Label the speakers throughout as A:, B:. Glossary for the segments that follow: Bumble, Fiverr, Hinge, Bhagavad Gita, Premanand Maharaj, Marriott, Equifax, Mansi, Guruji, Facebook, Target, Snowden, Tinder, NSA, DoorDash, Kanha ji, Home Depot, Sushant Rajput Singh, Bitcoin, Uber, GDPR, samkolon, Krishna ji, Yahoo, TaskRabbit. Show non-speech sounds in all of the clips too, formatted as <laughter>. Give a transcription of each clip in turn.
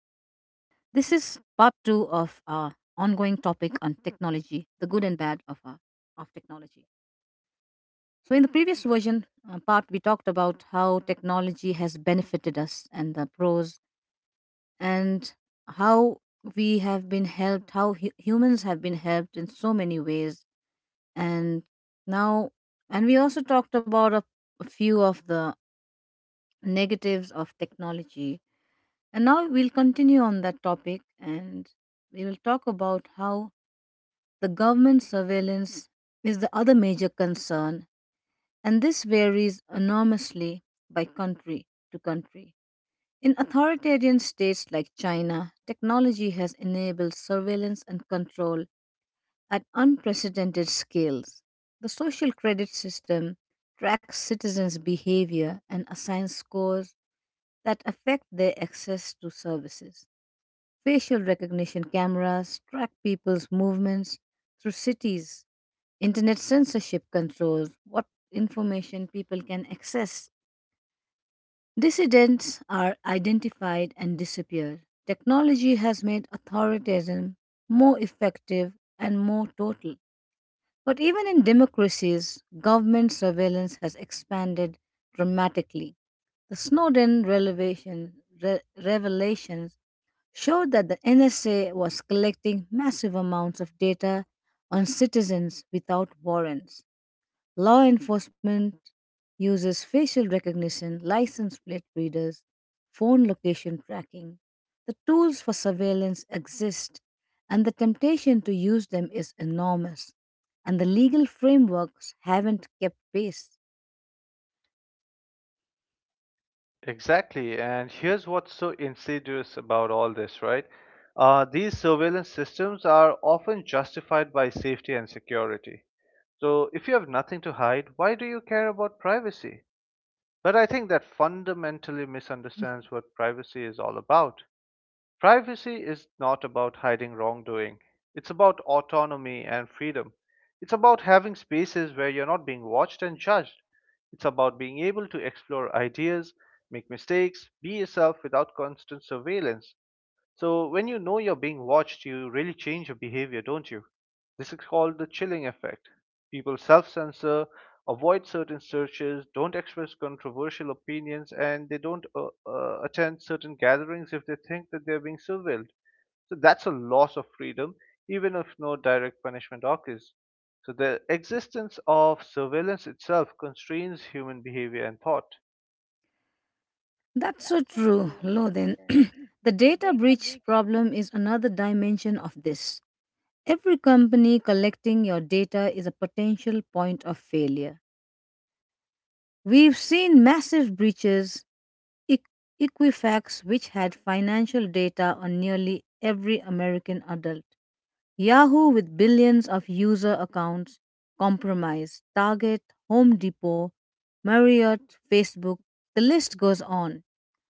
A: ongoing topic on technology, the good and bad of technology. So, in the previous version part, we talked about how technology has benefited us and the pros, and how we have been helped, how humans have been helped in so many ways. And now, and we also talked about a few of the negatives of technology. And now we'll continue on that topic and we will talk about how the government surveillance is the other major concern, and this varies enormously by country to country. In authoritarian states like China, technology has enabled surveillance and control at unprecedented scales. The social credit system tracks citizens' behavior and assigns scores that affect their access to services. Facial recognition cameras track people's movements through cities, internet censorship controls what information people can access. Dissidents are identified and disappear. Technology has made authoritarianism more effective and more total. But even in democracies, government surveillance has expanded dramatically. The revelations showed that the NSA was collecting massive amounts of data on citizens without warrants. Law enforcement uses facial recognition, license plate readers, phone location tracking. The tools for surveillance exist, and the temptation to use them is enormous, and the legal frameworks haven't kept pace.
B: Exactly. And here's what's so insidious about all this, right? These surveillance systems are often justified by safety and security. So if you have nothing to hide, why do you care about privacy? But I think that fundamentally misunderstands what privacy is all about. Privacy is not about hiding wrongdoing. It's about autonomy and freedom. It's about having spaces where you're not being watched and judged. It's about being able to explore ideas, make mistakes, be yourself without constant surveillance. So when you know you're being watched, you really change your behavior, don't you? This is called the chilling effect. People self censor, avoid certain searches, don't express controversial opinions, and they don't attend certain gatherings if they think that they're being surveilled. So that's a loss of freedom, even if no direct punishment occurs. So the existence of surveillance itself constrains human behavior and thought.
A: That's so true, Lo, then. <clears throat> The data breach problem is another dimension of this. Every company collecting your data is a potential point of failure. We've seen massive breaches. Eq- Equifax, which had financial data on nearly every American adult, Yahoo, with billions of user accounts compromised, Target, Home Depot, Marriott, Facebook, the list goes on.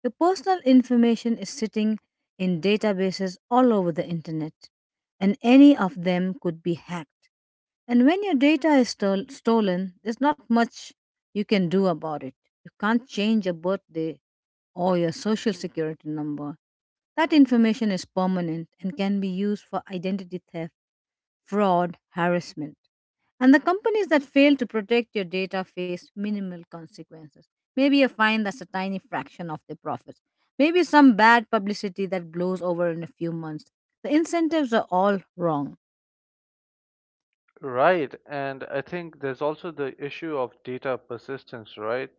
A: Your personal information is sitting in databases all over the internet, and any of them could be hacked. And when your data is stolen, there's not much you can do about it. You can't change your birthday or your social security number. That information is permanent and can be used for identity theft, fraud, harassment. And the companies that fail to protect your data face minimal consequences. Maybe a fine that's a tiny fraction of their profits. Maybe some bad publicity that blows over in a few months. The incentives are all wrong.
B: Right, and I think there's also the issue of data persistence, right?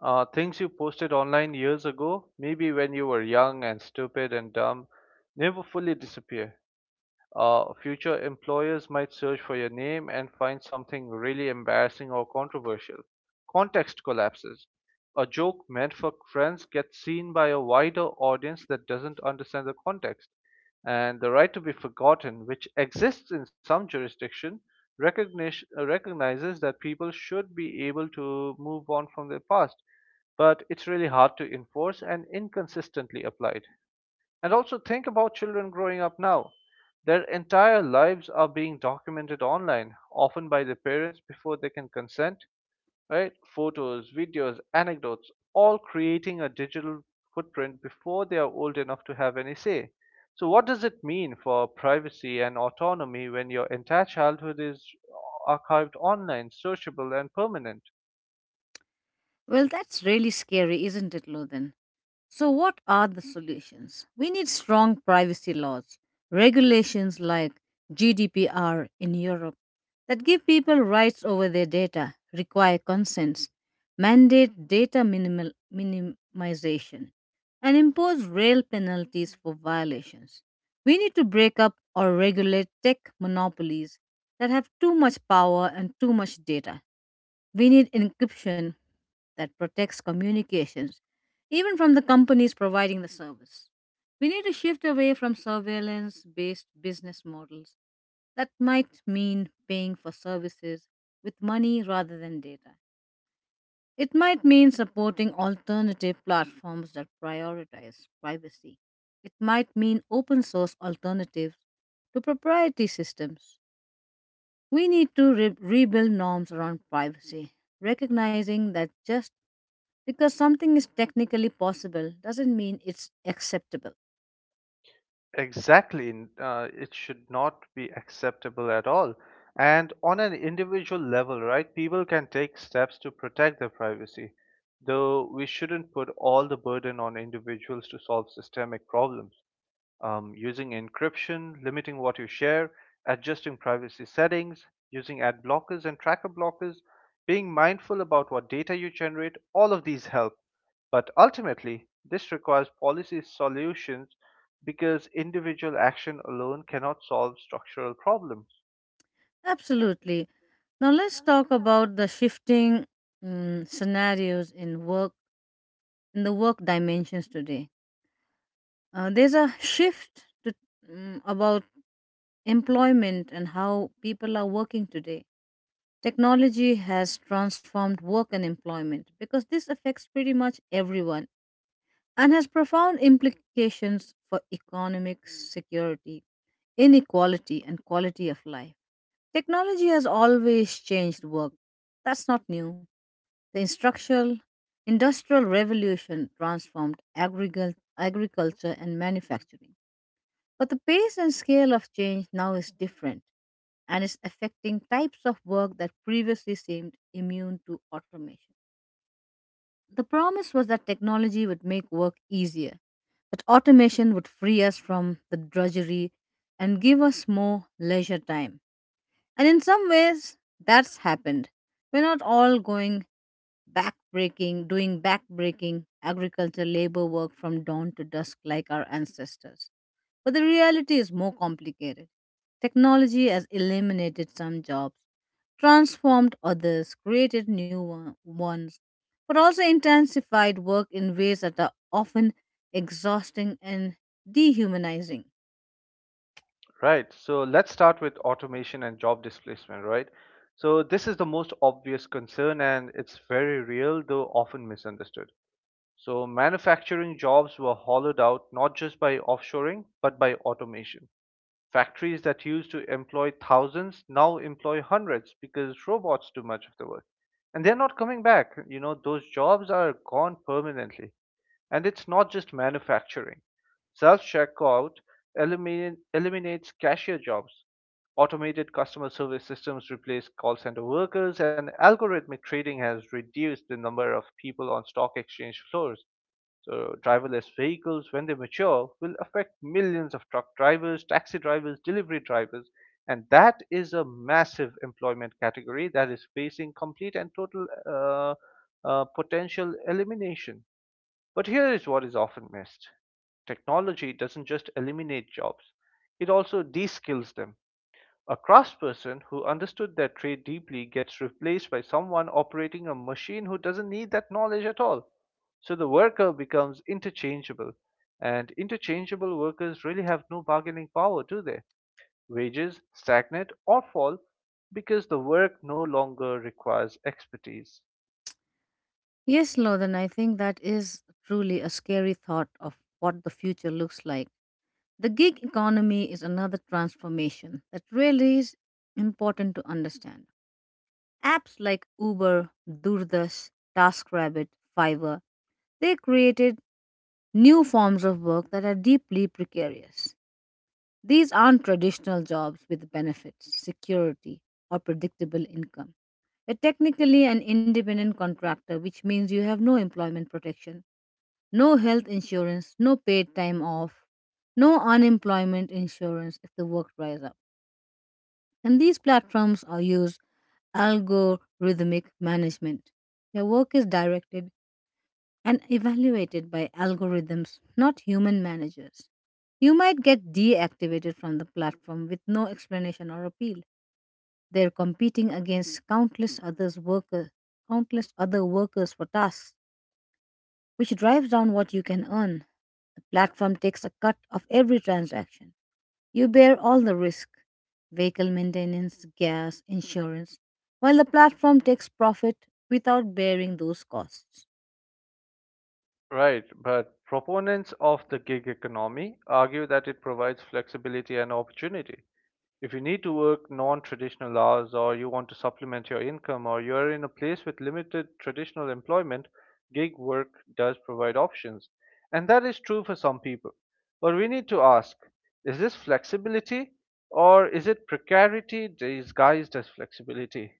B: Things you posted online years ago, maybe when you were young and stupid and dumb, never fully disappear. Future employers might search for your name and find something really embarrassing or controversial. Context collapses. A joke meant for friends gets seen by a wider audience that doesn't understand the context, and the right to be forgotten, which exists in some jurisdiction, recognizes that people should be able to move on from their past, but it's really hard to enforce and inconsistently applied. And also think about children growing up now. Their entire lives are being documented online, often by their parents before they can consent, right? Photos, videos, anecdotes, all creating a digital footprint before they are old enough to have any say. So, what does it mean for privacy and autonomy when your entire childhood is archived online, searchable, and permanent?
A: Well, that's really scary, isn't it, Lothan? So, what are the solutions? We need strong privacy laws, regulations like GDPR in Europe that give people rights over their data, require consents, mandate minimization, and impose real penalties for violations. We need to break up or regulate tech monopolies that have too much power and too much data. We need encryption that protects communications, even from the companies providing the service. We need to shift away from surveillance based business models that might mean paying for services with money rather than data. It might mean supporting alternative platforms that prioritize privacy. It might mean open source alternatives to proprietary systems. We need to rebuild norms around privacy, recognizing that just because something is technically possible doesn't mean it's acceptable.
B: Exactly. It should not be acceptable at all. And on an individual level, right, people can take steps to protect their privacy, though we shouldn't put all the burden on individuals to solve systemic problems. Using encryption, limiting what you share, adjusting privacy settings, using ad blockers and tracker blockers, being mindful about what data you generate, all of these help. But ultimately, this requires policy solutions because individual action alone cannot solve structural problems.
A: Absolutely. Now let's talk about the shifting scenarios in work in the work dimensions today. There's a shift to, about employment and how people are working today. Technology has transformed work and employment because this affects pretty much everyone and has profound implications for economic security, inequality, and quality of life. Technology has always changed work. That's not new. The industrial revolution transformed agriculture and manufacturing. But the pace and scale of change now is different and is affecting types of work that previously seemed immune to automation. The promise was that technology would make work easier, that automation would free us from the drudgery and give us more leisure time. And in some ways, that's happened. We're not all doing backbreaking agriculture labor work from dawn to dusk like our ancestors. But the reality is more complicated. Technology has eliminated some jobs, transformed others, created ones, but also intensified work in ways that are often exhausting and dehumanizing.
B: Right. So let's start with automation and job displacement, right? So this is the most obvious concern, and it's very real though often misunderstood. So manufacturing jobs were hollowed out not just by offshoring, but by automation. Factories that used to employ thousands now employ hundreds because robots do much of the work. And they're not coming back. You know, those jobs are gone permanently. And it's not just manufacturing. Self checkout eliminates cashier jobs. Automated customer service systems replace call center workers, and algorithmic trading has reduced the number of people on stock exchange floors. So, driverless vehicles, when they mature, will affect millions of truck drivers, taxi drivers, delivery drivers, and that is a massive employment category that is facing complete and total potential elimination. But here is what is often missed: technology doesn't just eliminate jobs, it also de skills them. A craftsperson who understood their trade deeply gets replaced by someone operating a machine who doesn't need that knowledge at all. So the worker becomes interchangeable, and interchangeable workers really have no bargaining power, do they? Wages stagnate or fall because the work no longer requires expertise.
A: Yes, Loden, I think that is truly a scary thought of what the future looks like. The gig economy is another transformation that really is important to understand. Apps like Uber, DoorDash, TaskRabbit, Fiverr, they created new forms of work that are deeply precarious. These aren't traditional jobs with benefits, security, or predictable income. You're technically an independent contractor, which means you have no employment protection no health insurance, no paid time off, no unemployment insurance if the work dries up. And these platforms are used algorithmic management. Your work is directed and evaluated by algorithms, not human managers. You might get deactivated from the platform with no explanation or appeal. They're competing against countless other workers for tasks, which drives down what you can earn. Platform takes a cut of every transaction. You bear all the risk vehicle maintenance, gas, insurance, while the platform takes profit without bearing those costs.
B: Right, but proponents of the gig economy argue that it provides flexibility and opportunity. If you need to work non traditional hours or you want to supplement your income or you are in a place with limited traditional employment, gig work does provide options. And that is true for some people. But we need to ask, is this flexibility or is it precarity disguised as flexibility?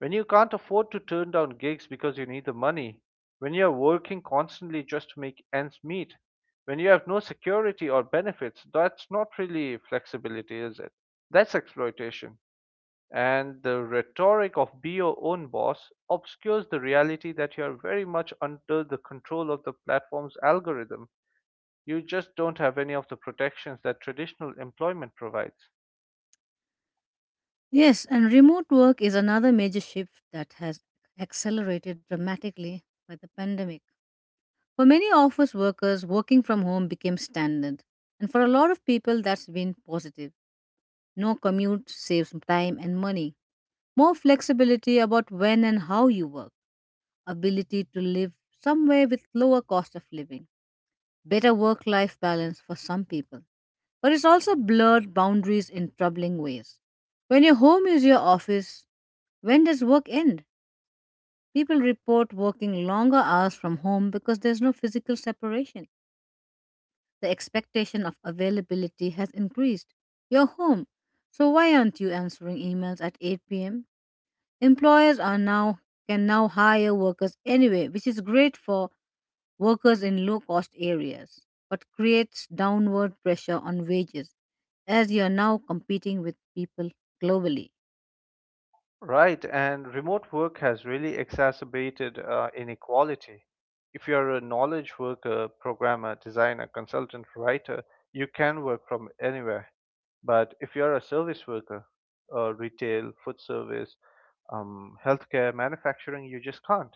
B: When you can't afford to turn down gigs because you need the money, when you're working constantly just to make ends meet, when you have no security or benefits, that's not really flexibility, is it? That's exploitation. And the rhetoric of be your own boss obscures the reality that you are very much under the control of the platform's algorithm. You just don't have any of the protections that traditional employment provides.
A: Yes, and remote work is another major shift that has accelerated dramatically by the pandemic. For many office workers, working from home became standard, and for a lot of people, that's been positive. No commute saves time and money. More flexibility about when and how you work ability to live somewhere with lower cost of living, better work life balance for some people. But it's also blurred boundaries in troubling ways. When your home is your office, when does work end? People report working longer hours from home because there's no physical separation. The expectation of availability has increased. You're home. So why aren't you answering emails at 8 p.m.? Employers are now can now hire workers anyway, which is great for workers in low cost areas, but creates downward pressure on wages as you are now competing with people globally.
B: Right, and remote work has really exacerbated inequality. If you're a knowledge worker, programmer, designer, consultant, writer, you can work from anywhere. But if you're a service worker, retail, food service, healthcare, manufacturing, you just can't.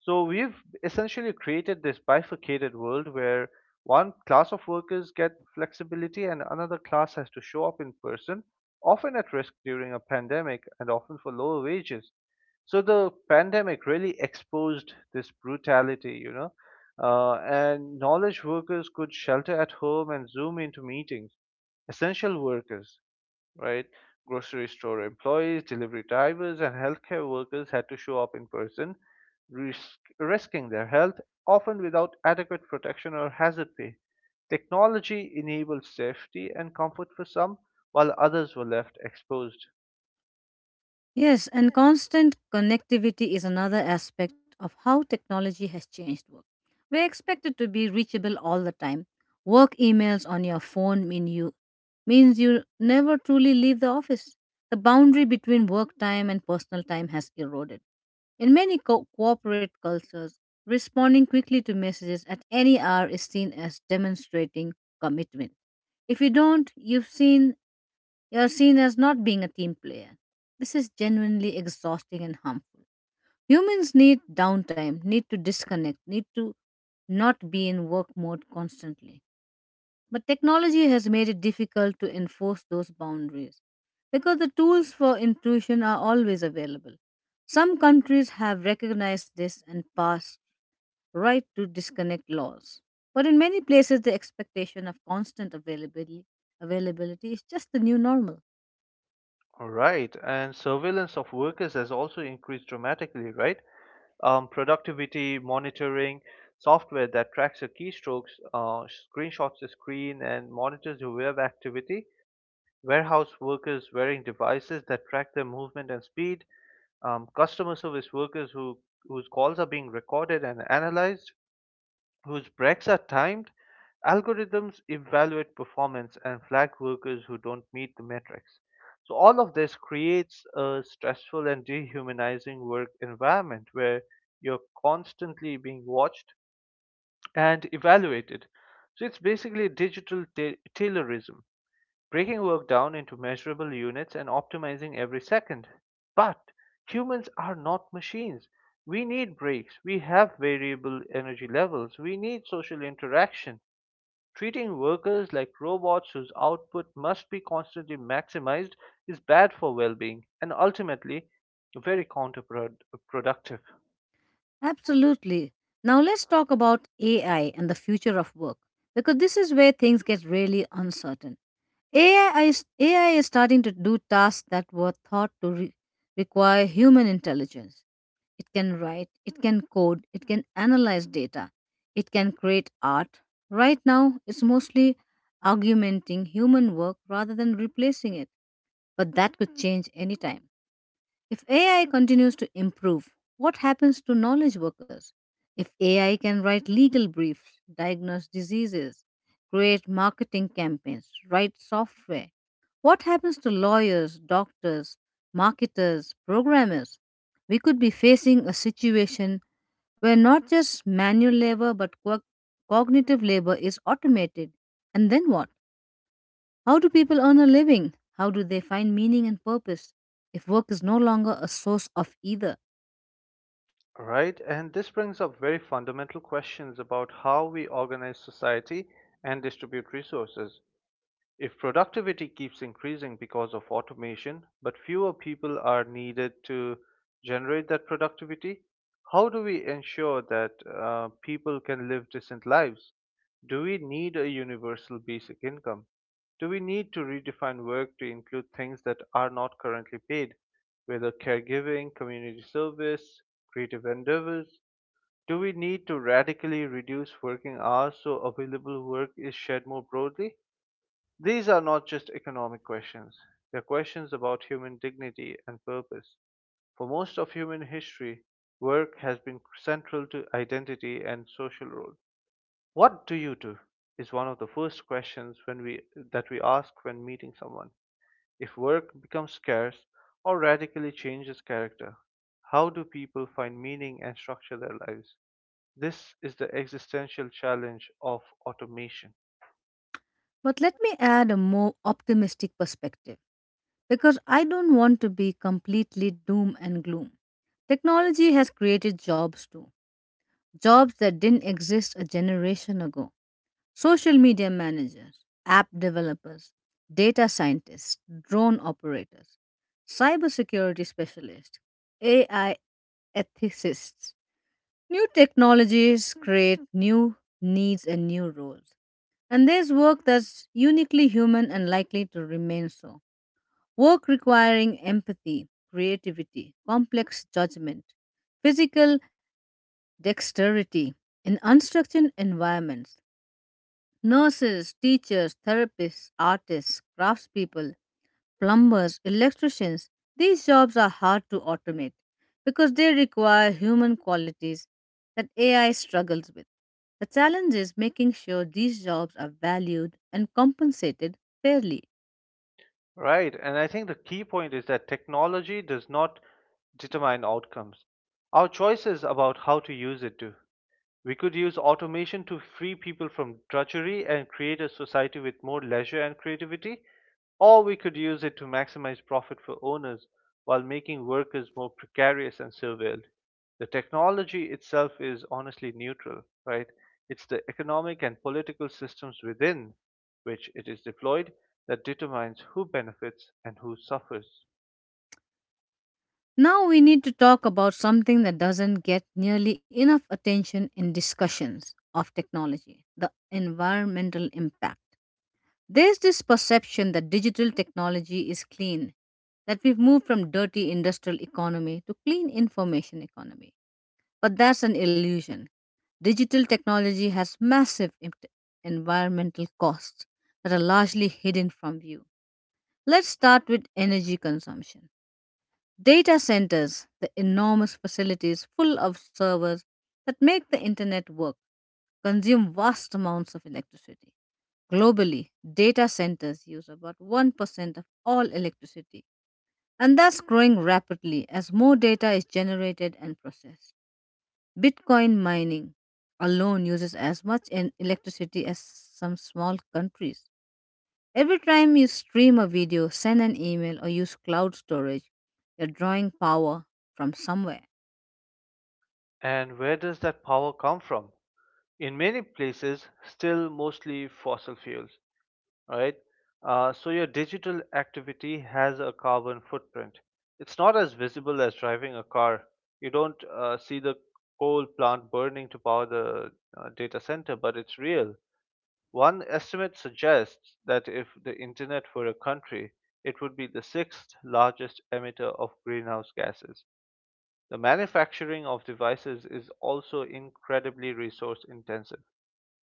B: So we've essentially created this bifurcated world where one class of workers get flexibility and another class has to show up in person, often at risk during a pandemic and often for lower wages. So the pandemic really exposed this brutality, you know. And knowledge workers could shelter at home and zoom into meetings. Essential workers, right? Grocery store employees, delivery drivers, and healthcare workers had to show up in person, risking their health, often without adequate protection or hazard pay. Technology enabled safety and comfort for some, while others were left exposed.
A: Yes, and constant connectivity is another aspect of how technology has changed work. We're expected to be reachable all the time. Work emails on your phone means you never truly leave the office. The boundary between work time and personal time has eroded. In many corporate cultures, responding quickly to messages at any hour is seen as demonstrating commitment. If you don't, you're seen as not being a team player. This is genuinely exhausting and harmful. Humans need downtime, need to disconnect, need to not be in work mode constantly. But technology has made it difficult to enforce those boundaries because the tools for intrusion are always available. Some countries have recognized this and passed right to disconnect laws. But in many places, the expectation of availability is just the new normal.
B: All right, and surveillance of workers has also increased dramatically, right? Productivity monitoring software that tracks your keystrokes, screenshots the screen, and monitors your web activity, warehouse workers wearing devices that track their movement and speed, customer service workers whose calls are being recorded and analyzed, whose breaks are timed. Algorithms evaluate performance and flag workers who don't meet the metrics. So all of this creates a stressful and dehumanizing work environment where you're constantly being watched and evaluated. So it's basically digital taylorism, breaking work down into measurable units and optimizing every second. But humans are not machines. We need breaks, we have variable energy levels, we need social interaction. Treating workers like robots whose output must be constantly maximized is bad for well being and ultimately very counterproductive.
A: Absolutely. Now let's talk about AI and the future of work because this is where things get really uncertain. AI is starting to do tasks that were thought to require human intelligence. It can write, it can code, it can analyze data, it can create art. Right now, it's mostly augmenting human work rather than replacing it, but that could change anytime. If AI continues to improve, what happens to knowledge workers? If AI can write legal briefs, diagnose diseases, create marketing campaigns, write software, what happens to lawyers, doctors, marketers, programmers? We could be facing a situation where not just manual labor but cognitive labor is automated. And then what? How do people earn a living? How do they find meaning and purpose if work is no longer a source of either?
B: Right, and this brings up very fundamental questions about how we organize society and distribute resources. If productivity keeps increasing because of automation, but fewer people are needed to generate that productivity, how do we ensure that people can live decent lives? Do we need a universal basic income? Do we need to redefine work to include things that are not currently paid, whether caregiving, community service, creative endeavors? Do we need to radically reduce working hours so available work is shared more broadly? These are not just economic questions, they're questions about human dignity and purpose. For most of human history, work has been central to identity and social role. What do you do? Is one of the first questions that we ask when meeting someone. If work becomes scarce or radically changes character, how do people find meaning and structure their lives? This is the existential challenge of automation.
A: But let me add a more optimistic perspective because I don't want to be completely doom and gloom. Technology has created jobs too, jobs that didn't exist a generation ago. Social media managers, app developers, data scientists, drone operators, cybersecurity specialists, AI ethicists. New technologies create new needs and new roles. And there's work that's uniquely human and likely to remain so. Work requiring empathy, creativity, complex judgment, physical dexterity in unstructured environments. Nurses, teachers, therapists, artists, craftspeople, plumbers, electricians, these jobs are hard to automate because they require human qualities that AI struggles with. The challenge is making sure these jobs are valued and compensated fairly.
B: Right. And I think the key point is that technology does not determine outcomes. Our choices about how to use it do. We could use automation to free people from drudgery and create a society with more leisure and creativity, or we could use it to maximize profit for owners while making workers more precarious and surveilled. The technology itself is honestly neutral, right? It's the economic and political systems within which it is deployed that determines who benefits and who suffers.
A: Now we need to talk about something that doesn't get nearly enough attention in discussions of technology the environmental impact. There's this perception that digital technology is clean, that we've moved from dirty industrial economy to clean information economy. But that's an illusion. Digital technology has massive environmental costs that are largely hidden from view. Let's start with energy consumption. Data centers, the enormous facilities full of servers that make the internet work, consume vast amounts of electricity. Globally, data centers use about 1% of all electricity, and that's growing rapidly as more data is generated and processed. Bitcoin mining alone uses as much electricity as some small countries. Every time you stream a video, send an email, or use cloud storage, you're drawing power from somewhere.
B: And where does that power come from? In many places, still mostly fossil fuels, right? So your digital activity has a carbon footprint. It's not as visible as driving a car. You don't see the coal plant burning to power the data center, but it's real. One estimate suggests that if the internet were a country, it would be the sixth largest emitter of greenhouse gases. The manufacturing of devices is also incredibly resource intensive.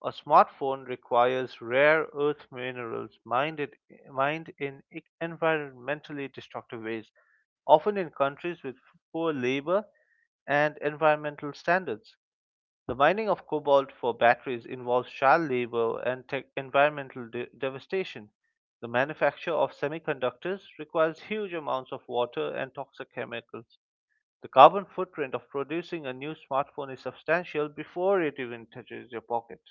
B: A smartphone requires rare earth minerals mined in environmentally destructive ways, often in countries with poor labor and environmental standards. The mining of cobalt for batteries involves child labor and tech environmental devastation. The manufacture of semiconductors requires huge amounts of water and toxic chemicals. The carbon footprint of producing a new smartphone is substantial before it even touches your pocket.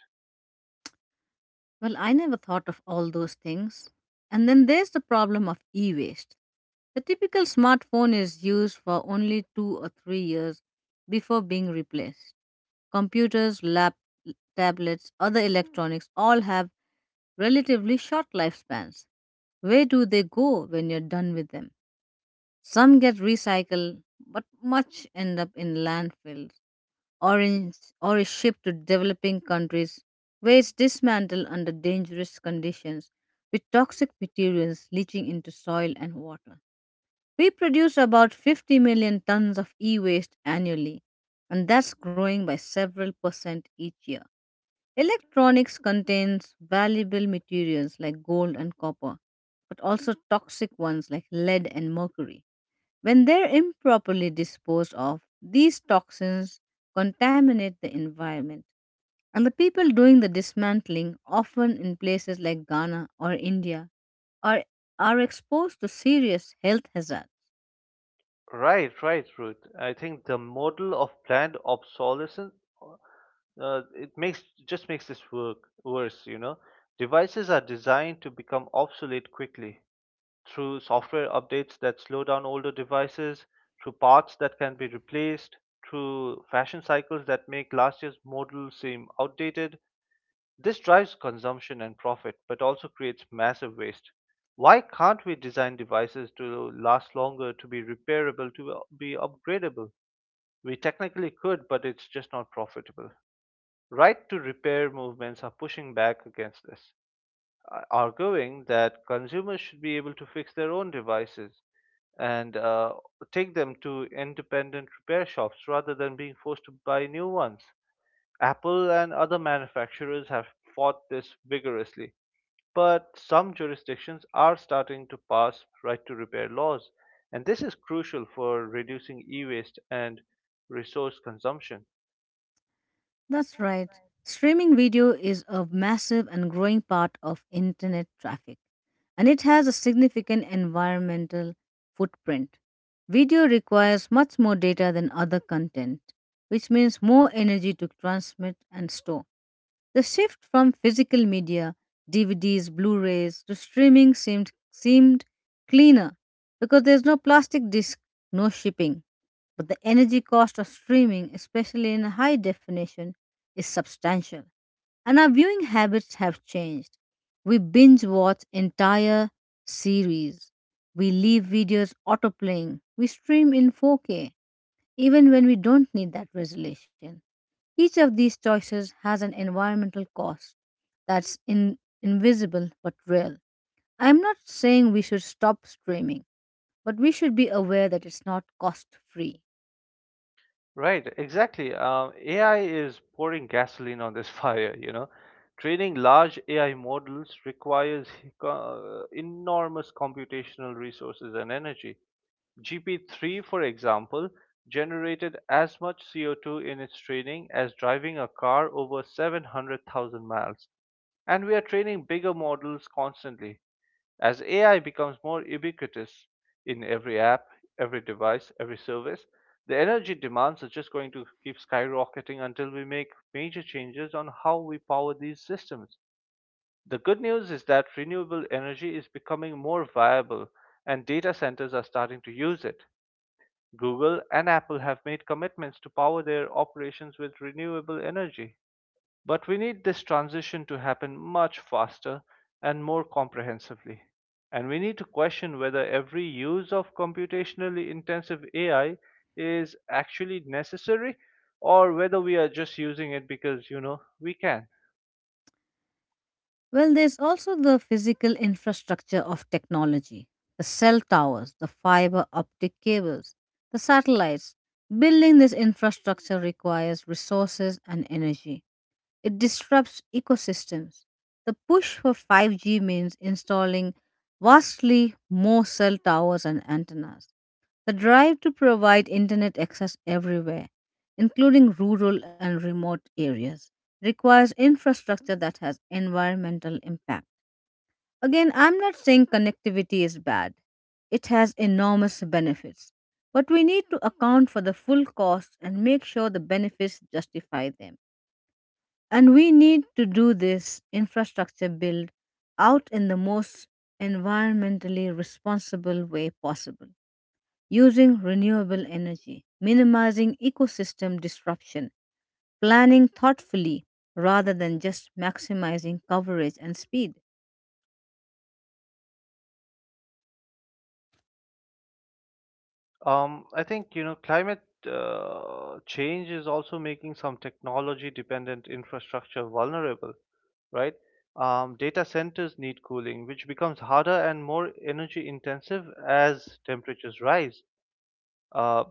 A: Well, I never thought of all those things. And then there's the problem of e waste. The typical smartphone is used for only 2 or 3 years before being replaced. Computers, tablets, other electronics all have relatively short lifespans. Where do they go when you're done with them? Some get recycled, but much end up in landfills or is shipped to developing countries where it's dismantled under dangerous conditions with toxic materials leaching into soil and water. We produce about 50 million tons of e waste annually, and that's growing by several percent each year. Electronics contains valuable materials like gold and copper, but also toxic ones like lead and mercury. When they're improperly disposed of, these toxins contaminate the environment. And the people doing the dismantling, often in places like Ghana or India, are, are exposed to serious health hazards.
B: Right, right, Ruth. I think the model of planned obsolescence, it makes just makes this work worse. You know, devices are designed to become obsolete quickly through software updates that slow down older devices, through parts that can be replaced, through fashion cycles that make last year's model seem outdated. This drives consumption and profit, but also creates massive waste. Why can't we design devices to last longer, to be repairable, to be upgradable? We technically could, but it's just not profitable. Right to repair movements are pushing back against this, arguing that consumers should be able to fix their own devices and take them to independent repair shops rather than being forced to buy new ones. Apple and other manufacturers have fought this vigorously, but some jurisdictions are starting to pass right to repair laws, and this is crucial for reducing e-waste and resource consumption.
A: That's right. Streaming video is a massive and growing part of internet traffic, and it has a significant environmental footprint. Video requires much more data than other content, which means more energy to transmit and store. The shift from physical media, DVDs, Blu-rays to streaming seemed cleaner because there's no plastic disc, no shipping but the energy cost of streaming, especially in high definition, is substantial, and our viewing habits have changed. We binge watch entire series, we leave videos autoplaying, we stream in 4K, even when we don't need that resolution. Each of these choices has an environmental cost that's invisible but real. I'm not saying we should stop streaming, but we should be aware that it's not cost free.
B: Right, exactly. AI is pouring gasoline on this <laughs> fire, Training large AI models requires <laughs> enormous computational resources and energy. GP3, for example, generated as much CO2 in its training as driving a car over 700,000 miles. And we are training bigger models constantly. As AI becomes more ubiquitous in every app, every device, every service, the energy demands are just going to keep skyrocketing until we make major changes on how we power these systems. The good news is that renewable energy is becoming more viable and data centers are starting to use it. Google and Apple have made commitments to power their operations with renewable energy. But we need this transition to happen much faster and more comprehensively. And we need to question whether every use of computationally intensive AI is actually necessary or whether we are just using it because, we can.
A: Well, there's also the physical infrastructure of technology the cell towers, the fiber optic cables, the satellites. Building this infrastructure requires resources and energy. It disrupts ecosystems. The push for 5G means installing vastly more cell towers and antennas. The drive to provide internet access everywhere, including rural and remote areas, requires infrastructure that has environmental impact. Again, I'm not saying connectivity is bad, it has enormous benefits. But we need to account for the full cost and make sure the benefits justify them. And we need to do this infrastructure build out in the most environmentally responsible way possible using renewable energy, minimizing ecosystem disruption, planning thoughtfully rather than just maximizing coverage and speed.
B: I think climate change is also making some technology-dependent infrastructure vulnerable, right? Data centers need cooling, which becomes harder and more energy intensive as temperatures rise. Uh,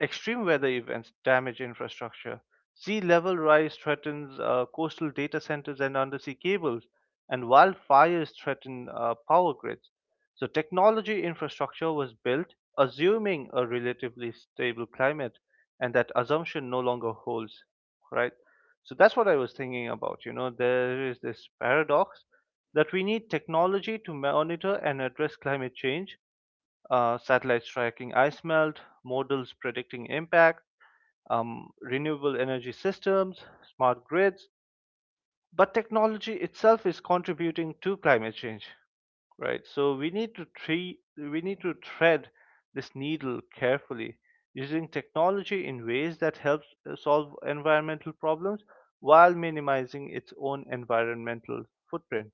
B: Extreme weather events damage infrastructure. Sea level rise threatens coastal data centers and undersea cables, and wildfires threaten power grids. So, technology infrastructure was built assuming a relatively stable climate, and that assumption no longer holds, right? So, that's what I was thinking about. You know, there is this paradox that we need technology to monitor and address climate change, satellites tracking ice melt, models predicting impact, renewable energy systems, smart grids. But technology itself is contributing to climate change, right? So we need to tread this needle carefully, using technology in ways that helps solve environmental problems while minimizing its own environmental footprint.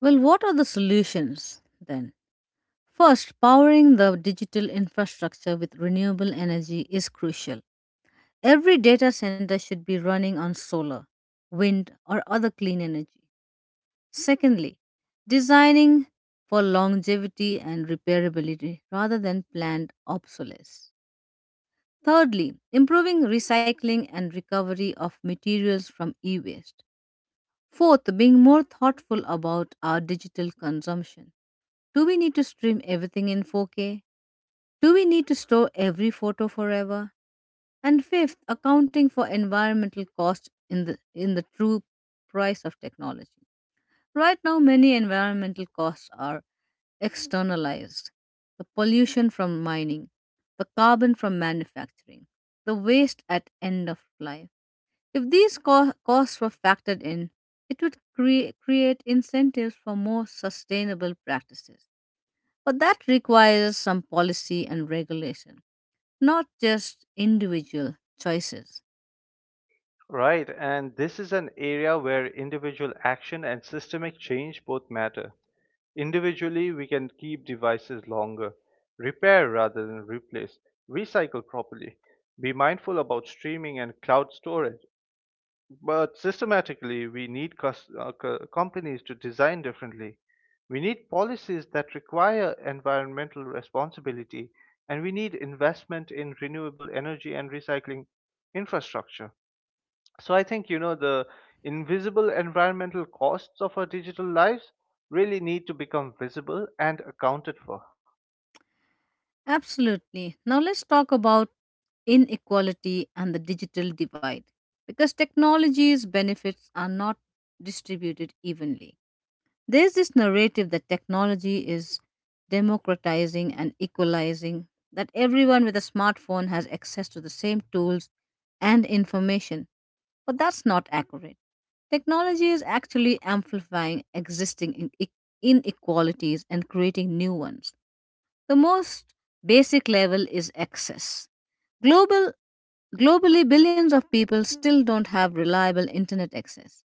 A: Well, what are the solutions then? First, powering the digital infrastructure with renewable energy is crucial. Every data center should be running on solar, wind, or other clean energy. Secondly, designing for longevity and repairability rather than planned obsolescence. Thirdly, improving recycling and recovery of materials from e waste. Fourth, being more thoughtful about our digital consumption. Do we need to stream everything in 4K? Do we need to store every photo forever? And fifth, accounting for environmental costs in the true price of technology. Right now, many environmental costs are externalized the pollution from mining, the carbon from manufacturing, the waste at end of life. If these costs were factored in, it would create incentives for more sustainable practices. But that requires some policy and regulation, not just individual choices.
B: Right, and this is an area where individual action and systemic change both matter. Individually, we can keep devices longer, repair rather than replace, recycle properly, be mindful about streaming and cloud storage. But systematically, we need companies to design differently. We need policies that require environmental responsibility, and we need investment in renewable energy and recycling infrastructure. So I think the invisible environmental costs of our digital lives really need to become visible and accounted for.
A: Absolutely. Now let's talk about inequality and the digital divide because technology's benefits are not distributed evenly. There's this narrative that technology is democratizing and equalizing, that everyone with a smartphone has access to the same tools and information, but that's not accurate. Technology is actually amplifying existing in- inequalities and creating new ones. The most basic level is access. Global, globally, billions of people still don't have reliable internet access.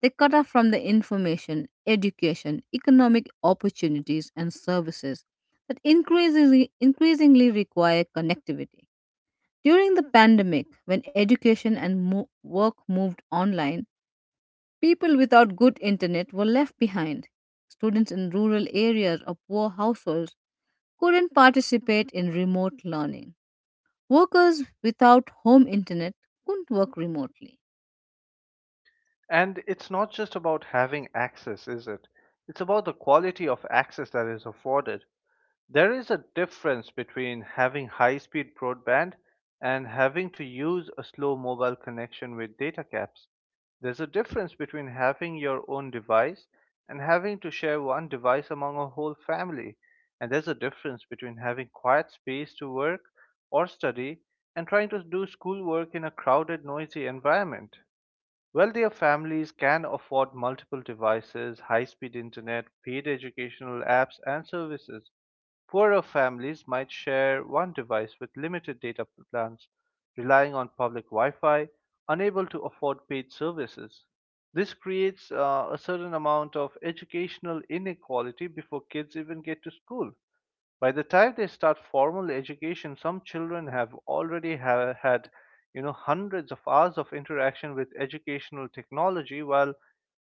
A: They cut off from the information, education, economic opportunities, and services that increasingly require connectivity. During the pandemic, when education and work moved online, people without good internet were left behind. Students in rural areas or poor households couldn't participate in remote learning. Workers without home internet couldn't work remotely.
B: And it's not just about having access, is it? It's about the quality of access that is afforded. There is a difference between having high speed broadband and having to use a slow mobile connection with data caps. There's a difference between having your own device and having to share one device among a whole family. And there's a difference between having quiet space to work or study and trying to do schoolwork in a crowded, noisy environment. Wealthier families can afford multiple devices, high speed internet, paid educational apps, and services. Poorer families might share one device with limited data plans, relying on public Wi Fi, unable to afford paid services. This creates a certain amount of educational inequality before kids even get to school. By the time they start formal education, some children have already had, hundreds of hours of interaction with educational technology, while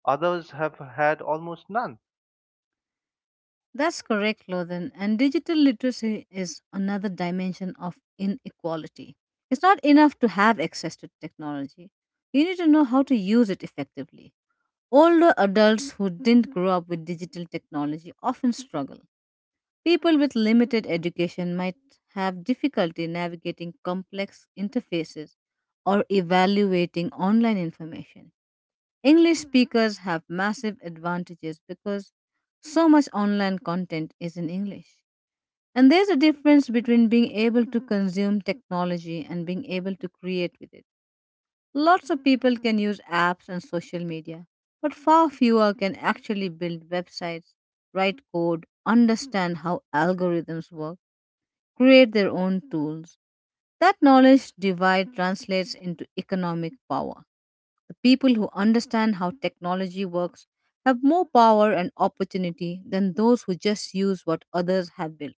B: others have had almost none.
A: That's correct, Lothan. And digital literacy is another dimension of inequality. It's not enough to have access to technology, you need to know how to use it effectively. Older adults who didn't grow up with digital technology often struggle. People with limited education might have difficulty navigating complex interfaces or evaluating online information. English speakers have massive advantages because so much online content is in English. And there's a difference between being able to consume technology and being able to create with it. Lots of people can use apps and social media, but far fewer can actually build websites, write code, understand how algorithms work create their own tools. That knowledge divide translates into economic power. The people who understand how technology works have more power and opportunity than those who just use what others have built.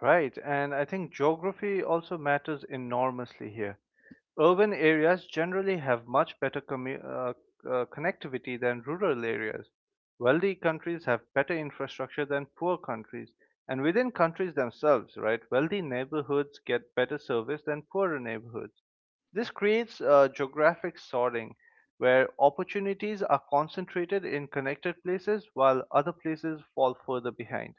B: Right, and I think geography also matters enormously here. Urban areas generally have much better connectivity than rural areas. Wealthy countries have better infrastructure than poor countries. And within countries themselves, right, wealthy neighborhoods get better service than poorer neighborhoods. This creates geographic sorting where opportunities are concentrated in connected places while other places fall further behind.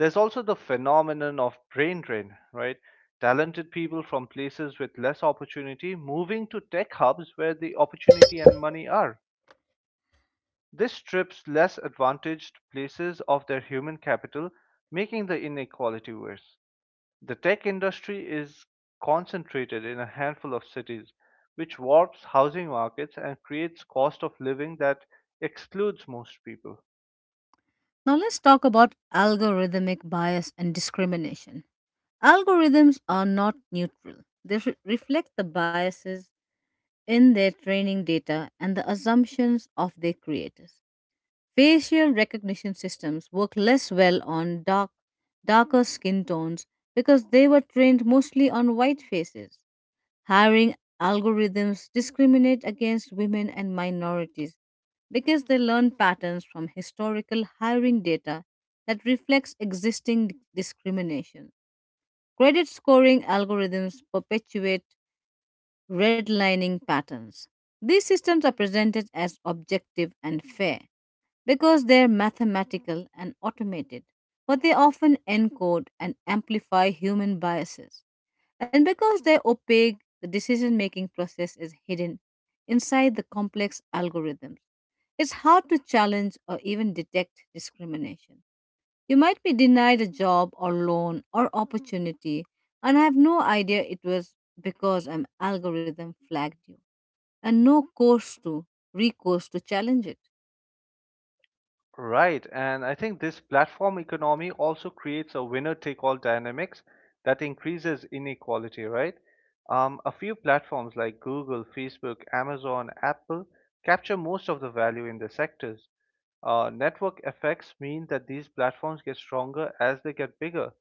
B: There's also the phenomenon of brain drain, right? Talented people from places with less opportunity moving to tech hubs where the opportunity and money are. This strips less advantaged places of their human capital, making the inequality worse. The tech industry is concentrated in a handful of cities, which warps housing markets and creates cost of living that excludes most people.
A: Now, let's talk about algorithmic bias and discrimination. Algorithms are not neutral, they reflect the biases in their training data and the assumptions of their creators. Facial recognition systems work less well on darker skin tones because they were trained mostly on white faces. Hiring algorithms discriminate against women and minorities because they learn patterns from historical hiring data that reflects existing discrimination. Credit scoring algorithms perpetuate redlining patterns. These systems are presented as objective and fair, because they're mathematical and automated, but they often encode and amplify human biases. And because they're opaque, the decision making process is hidden inside the complex algorithms. It's hard to challenge or even detect discrimination. You might be denied a job or loan or opportunity and have no idea it was because an algorithm flagged you and no course to recourse to challenge it.
B: Right, and I think this platform economy also creates a winner take all dynamics that increases inequality, right? A few platforms like Google, Facebook, Amazon, Apple capture most of the value in their sectors. Network effects mean that these platforms get stronger as they get bigger,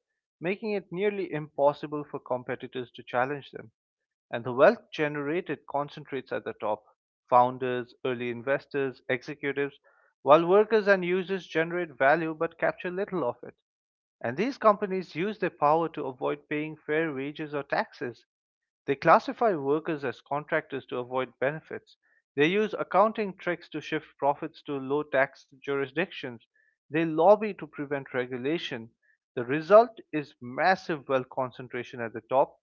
B: making it nearly impossible for competitors to challenge them, and the wealth generated concentrates at the top. Founders, early investors, executives, while workers and users generate value but capture little of it. And these companies use their power to avoid paying fair wages or taxes. They classify workers as contractors to avoid benefits. They use accounting tricks to shift profits to low tax jurisdictions. They lobby to prevent regulation. The result is massive wealth concentration at the top,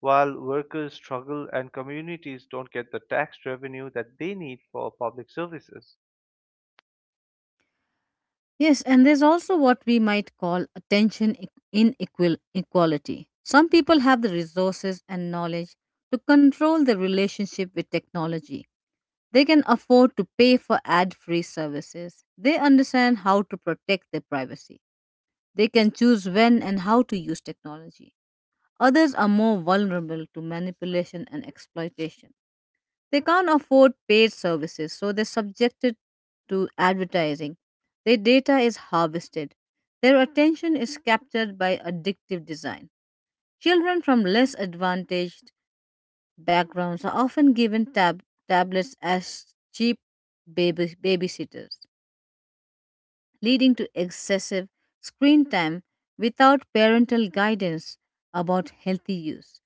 B: while workers struggle and communities don't get the tax revenue that they need for public services.
A: Yes, and there's also what we might call attention inequal equality. Some people have the resources and knowledge to control their relationship with technology. They can afford to pay for ad free services. They understand how to protect their privacy. They can choose when and how to use technology. Others are more vulnerable to manipulation and exploitation. They can't afford paid services, so they're subjected to advertising. Their data is harvested. Their attention is captured by addictive design. Children from less advantaged backgrounds are often given tablets as cheap babysitters leading to excessive screen time without parental guidance about healthy use.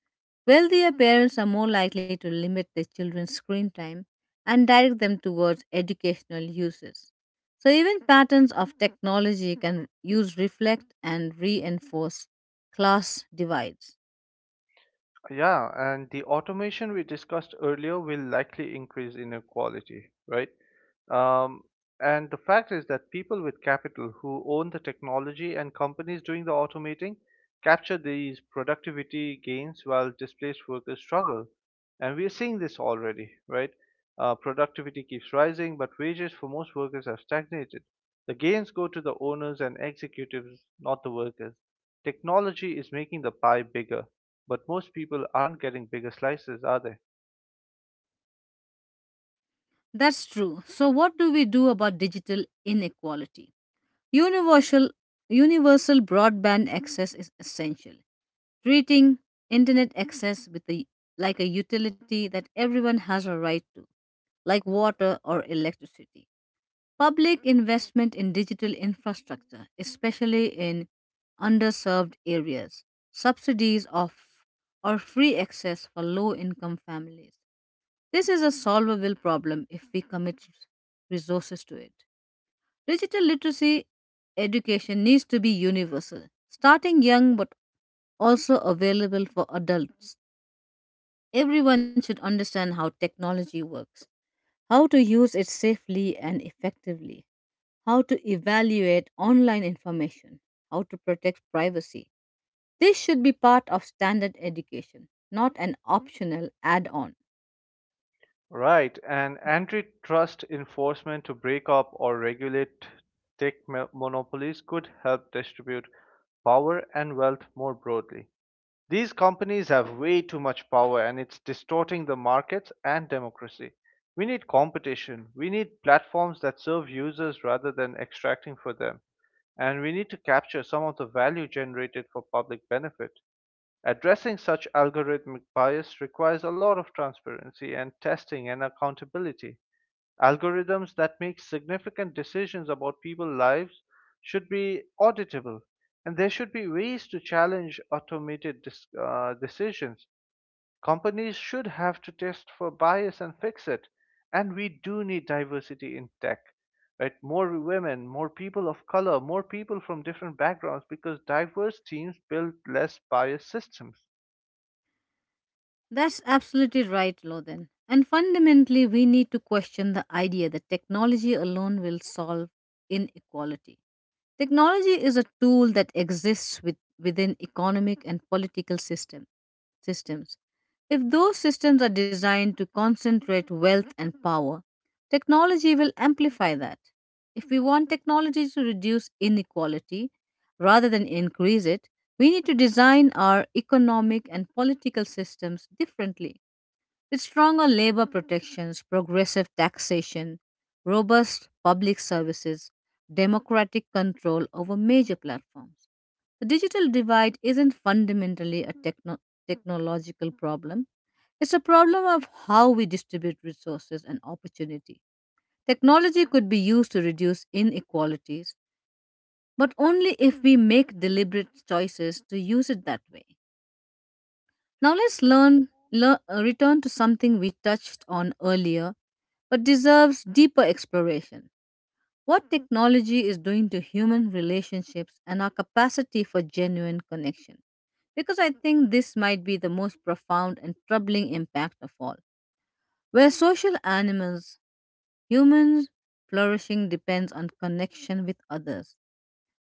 A: Wealthier parents are more likely to limit their children's screen time and direct them towards educational uses. So, even patterns of technology can use reflect and reinforce class divides.
B: Yeah, and the automation we discussed earlier will likely increase inequality, right? Um, and the fact is that people with capital who own the technology and companies doing the automating capture these productivity gains while displaced workers struggle. And we're seeing this already, right? Productivity keeps rising, but wages for most workers have stagnated. The gains go to the owners and executives, not the workers. Technology is making the pie bigger, but most people aren't getting bigger slices, are they?
A: That's true. So, what do we do about digital inequality? Universal, universal broadband access is essential. Treating internet access with like a utility that everyone has a right to, like water or electricity. Public investment in digital infrastructure, especially in underserved areas, subsidies of or free access for low income families. This is a solvable problem if we commit resources to it. Digital literacy education needs to be universal, starting young but also available for adults. Everyone should understand how technology works, how to use it safely and effectively, how to evaluate online information, how to protect privacy. This should be part of standard education, not an optional add on.
B: Right, and antitrust enforcement to break up or regulate monopolies could help distribute power and wealth more broadly. These companies have way too much power and it's distorting the markets and democracy. We need competition. We need platforms that serve users rather than extracting for them. And we need to capture some of the value generated for public benefit. Addressing such algorithmic bias requires a lot of transparency and testing and accountability. Algorithms that make significant decisions about people's lives should be auditable, and there should be ways to challenge automated decisions. Companies should have to test for bias and fix it. And we do need diversity in tech, right? More women, more people of color, more people from different backgrounds, because diverse teams build less biased systems.
A: That's absolutely right, Lothan. And fundamentally, we need to question the idea that technology alone will solve inequality. Technology is a tool that exists within economic and political systems. If those systems are designed to concentrate wealth and power, technology will amplify that. If we want technology to reduce inequality rather than increase it, we need to design our economic and political systems differently. With stronger labor protections, progressive taxation, robust public services, democratic control over major platforms. The digital divide isn't fundamentally a technological problem. It's a problem of how we distribute resources and opportunity. Technology could be used to reduce inequalities, but only if we make deliberate choices to use it that way. Now let's learn, learn return to something we touched on earlier but deserves deeper exploration. What technology is doing to human relationships and our capacity for genuine connection? Because I think this might be the most profound and troubling impact of all. Where social animals, humans flourishing depends on connection with others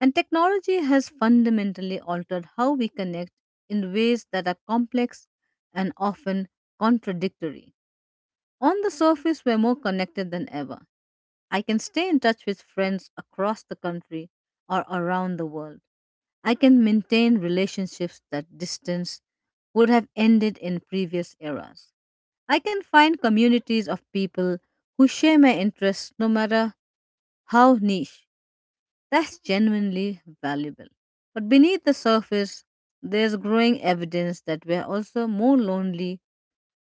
A: and technology has fundamentally altered how we connect in ways that are complex and often contradictory. On the surface, we're more connected than ever. I can stay in touch with friends across the country or around the world. I can maintain relationships that distance would have ended in previous eras. I can find communities of people who share my interests no matter how niche. That's genuinely valuable. But beneath the surface, there's growing evidence that we're also more lonely,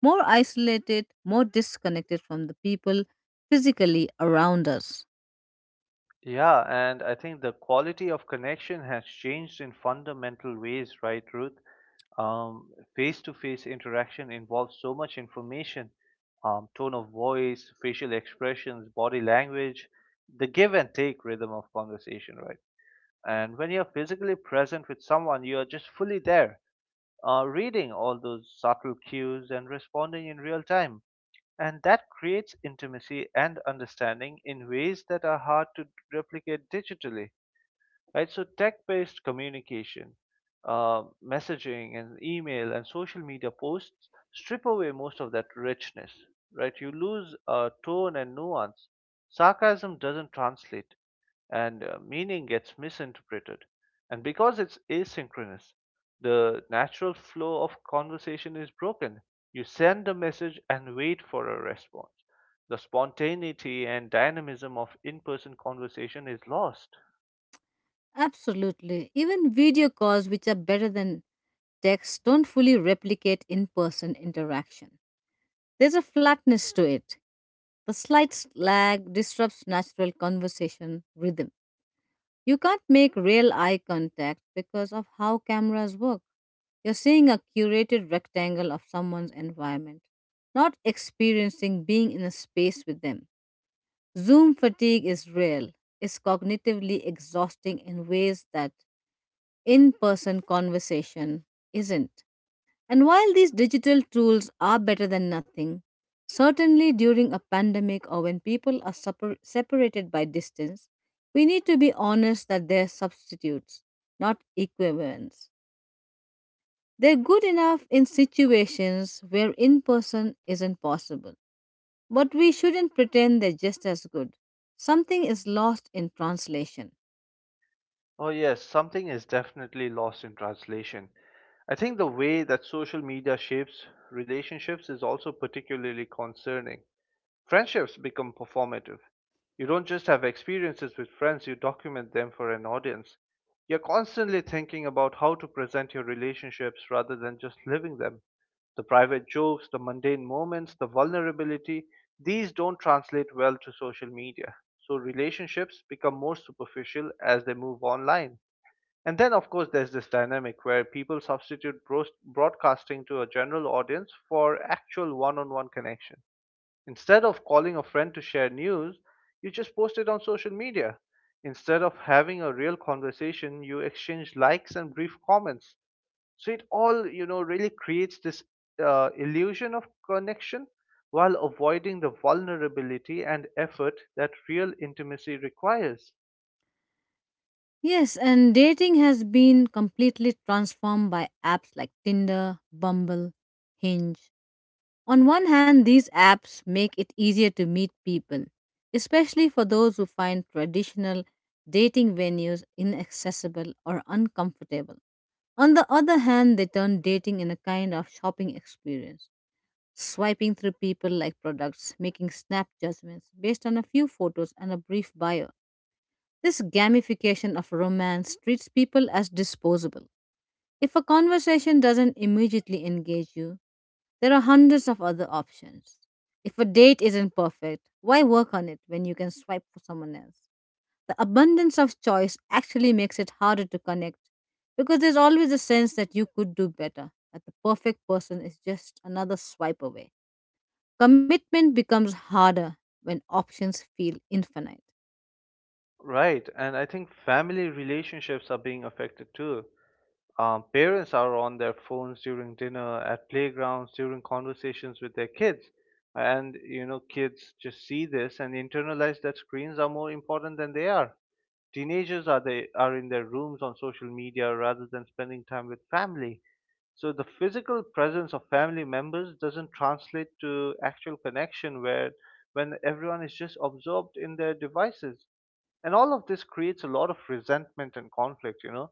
A: more isolated, more disconnected from the people physically around us.
B: Yeah, and I think the quality of connection has changed in fundamental ways, right, Ruth? Um, Face-to-face interaction involves so much information, tone of voice, facial expressions, body language, the give and take rhythm of conversation, right? And when you're physically present with someone, you're just fully there, reading all those subtle cues and responding in real time. And that creates intimacy and understanding in ways that are hard to replicate digitally, right? So tech-based communication, messaging, and email and social media posts strip away most of that richness, right? You lose tone and nuance. Sarcasm doesn't translate, and meaning gets misinterpreted. And because it's asynchronous, the natural flow of conversation is broken. You send a message and wait for a response. The spontaneity and dynamism of in person conversation is lost.
A: Absolutely. Even video calls, which are better than texts don't fully replicate in person interaction. There's a flatness to it. The slight lag disrupts natural conversation rhythm. You can't make real eye contact because of how cameras work. You're seeing a curated rectangle of someone's environment, not experiencing being in a space with them. Zoom fatigue is real, it's cognitively exhausting in ways that in person conversation isn't. And while these digital tools are better than nothing, certainly during a pandemic or when people are separated by distance, we need to be honest that they're substitutes, not equivalents. They're good enough in situations where in person isn't possible, but we shouldn't pretend they're just as good. Something is lost in translation.
B: Oh, yes, something is definitely lost in translation. I think the way that social media shapes relationships is also particularly concerning. Friendships become performative. You don't just have experiences with friends, you document them for an audience. You're constantly thinking about how to present your relationships rather than just living them. The private jokes, the mundane moments, the vulnerability, these don't translate well to social media. So relationships become more superficial as they move online. And then, of course, there's this dynamic where people substitute broadcasting to a general audience for actual one on one connection. Instead of calling a friend to share news, you just post it on social media. Instead of having a real conversation, you exchange likes and brief comments. So it all, really creates this illusion of connection while avoiding the vulnerability and effort that real intimacy requires.
A: Yes, and dating has been completely transformed by apps like Tinder, Bumble, Hinge, on one hand, these apps make it easier to meet people, especially for those who find traditional dating venues inaccessible or uncomfortable. On the other hand, they turn dating in a kind of shopping experience, swiping through people like products, making snap judgments based on a few photos and a brief bio. This gamification of romance treats people as disposable if a conversation doesn't immediately engage you, there are hundreds of other options. If a date isn't perfect, why work on it when you can swipe for someone else? The abundance of choice actually makes it harder to connect because there's always a sense that you could do better, that the perfect person is just another swipe away. Commitment becomes harder when options feel infinite.
B: Right, and I think family relationships are being affected too. Parents are on their phones during dinner, at playgrounds, during conversations with their kids. And, kids just see this and internalize that screens are more important than they are. Teenagers are in their rooms on social media rather than spending time with family. So the physical presence of family members doesn't translate to actual connection where when everyone is just absorbed in their devices. And all of this creates a lot of resentment and conflict,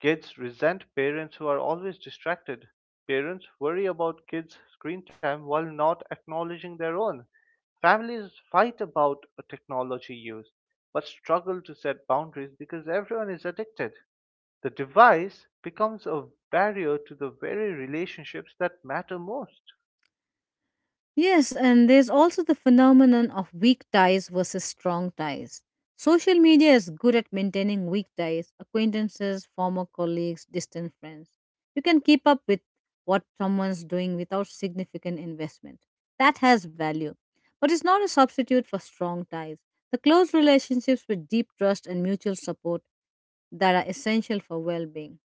B: Kids resent parents who are always distracted. Parents worry about kids' screen time while not acknowledging their own. Families fight about technology use but struggle to set boundaries because everyone is addicted. The device becomes a barrier to the very relationships that matter most.
A: Yes, and there's also the phenomenon of weak ties versus strong ties. Social media is good at maintaining weak ties, acquaintances, former colleagues, distant friends. You can keep up with what someone's doing without significant investment. That has value, but it's not a substitute for strong ties. The close relationships with deep trust and mutual support that are essential for well being.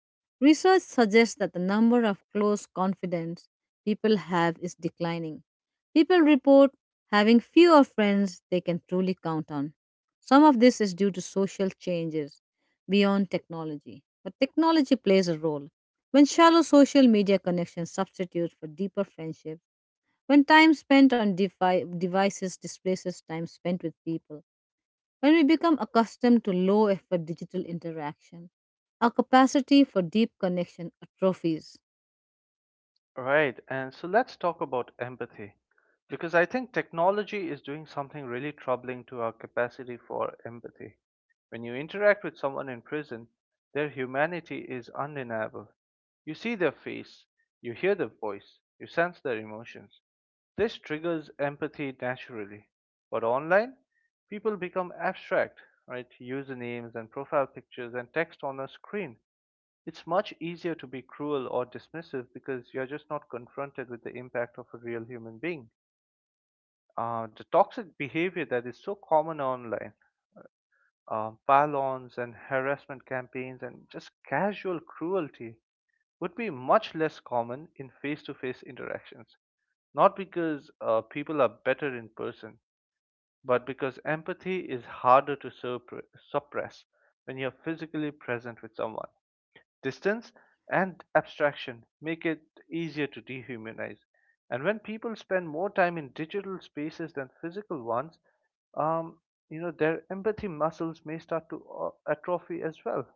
A: Research suggests that the number of close confidants people have is declining. People report having fewer friends they can truly count on. Some of this is due to social changes beyond technology, but technology plays a role. When shallow social media connections substitute for deeper friendships, when time spent on devices displaces time spent with people, when we become accustomed to low effort digital interaction, our capacity for deep connection atrophies.
B: Right. And so let's talk about empathy because I think technology is doing something really troubling to our capacity for empathy. When you interact with someone in prison, their humanity is undeniable. You see their face, you hear their voice, you sense their emotions. This triggers empathy naturally. But online, people become abstract, right? Usernames and profile pictures and text on a screen. It's much easier to be cruel or dismissive because you're just not confronted with the impact of a real human being. The toxic behavior that is so common online, pylons and harassment campaigns and just casual cruelty, would be much less common in face to face interactions not because people are better in person, but because empathy is harder to suppress when you're physically present with someone. Distance and abstraction make it easier to dehumanize. And when people spend more time in digital spaces than physical ones, um, their empathy muscles may start to atrophy as well.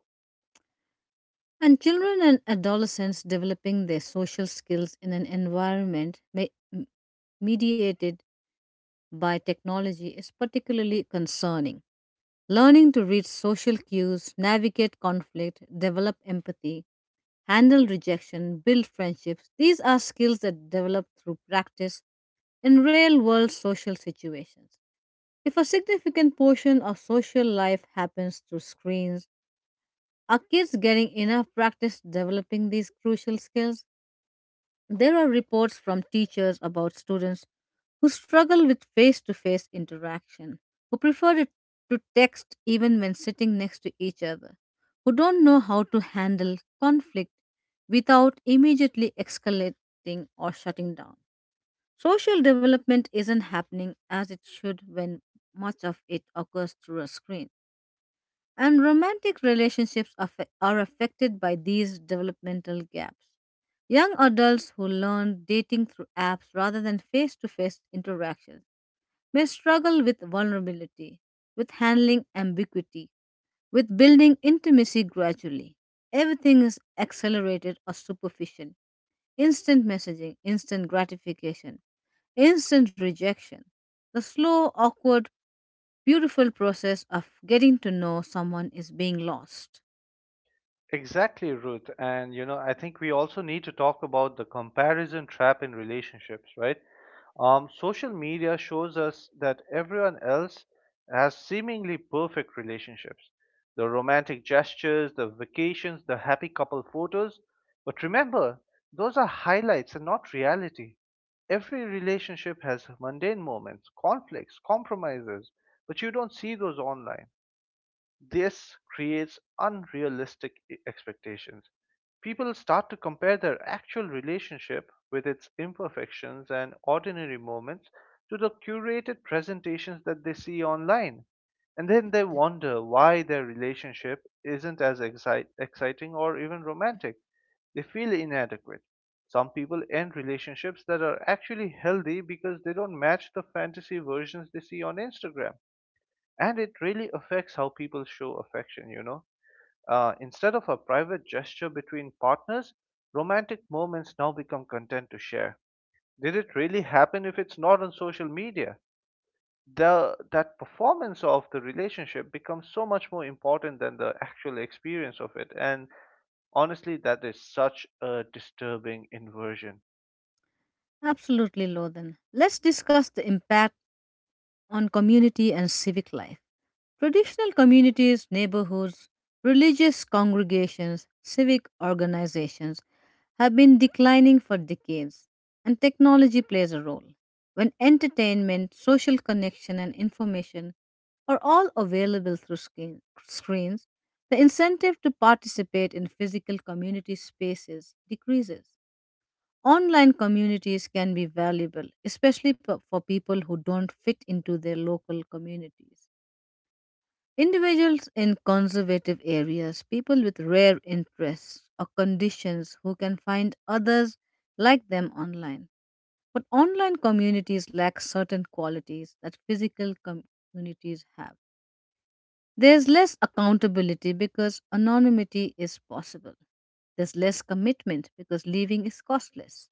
A: And children and adolescents developing their social skills in an environment mediated by technology is particularly concerning. Learning to read social cues, navigate conflict, develop empathy, handle rejection, build friendships, these are skills that develop through practice in real world social situations. If a significant portion of social life happens through screens, are kids getting enough practice developing these crucial skills? There are reports from teachers about students who struggle with face to face interaction, who prefer it to text even when sitting next to each other, who don't know how to handle conflict without immediately escalating or shutting down. Social development isn't happening as it should when much of it occurs through a screen. And romantic relationships are affected by these developmental gaps. Young adults who learn dating through apps rather than face to face interactions may struggle with vulnerability, with handling ambiguity, with building intimacy gradually. Everything is accelerated or superficial instant messaging, instant gratification, instant rejection. The slow, awkward, beautiful process of getting to know someone is being lost.
B: Exactly, Ruth. And I think we also need to talk about the comparison trap in relationships, right? Social media shows us that everyone else has seemingly perfect relationships. The romantic gestures, the vacations, the happy couple photos. But remember, those are highlights and not reality. Every relationship has mundane moments, conflicts, compromises, but you don't see those online. This creates unrealistic expectations. People start to compare their actual relationship with its imperfections and ordinary moments to the curated presentations that they see online. And then they wonder why their relationship isn't as exciting or even romantic. They feel inadequate. Some people end relationships that are actually healthy because they don't match the fantasy versions they see on Instagram, and it really affects how people show affection. Instead of a private gesture between partners, romantic moments now become content to share. Did it really happen if it's not on social media? The that performance of the relationship becomes so much more important than the actual experience of it, and honestly, that is such a disturbing inversion.
A: Absolutely, Lodhan. Let's discuss the impact on community and civic life. Traditional communities, neighborhoods, religious congregations, civic organizations have been declining for decades, and technology plays a role. When entertainment, social connection, and information are all available through screens, the incentive to participate in physical community spaces decreases. Online communities can be valuable, especially for people who don't fit into their local communities. Individuals in conservative areas, people with rare interests or conditions who can find others like them online. But online communities lack certain qualities that communities have. There's less accountability because anonymity is possible. There's less commitment because leaving is costless.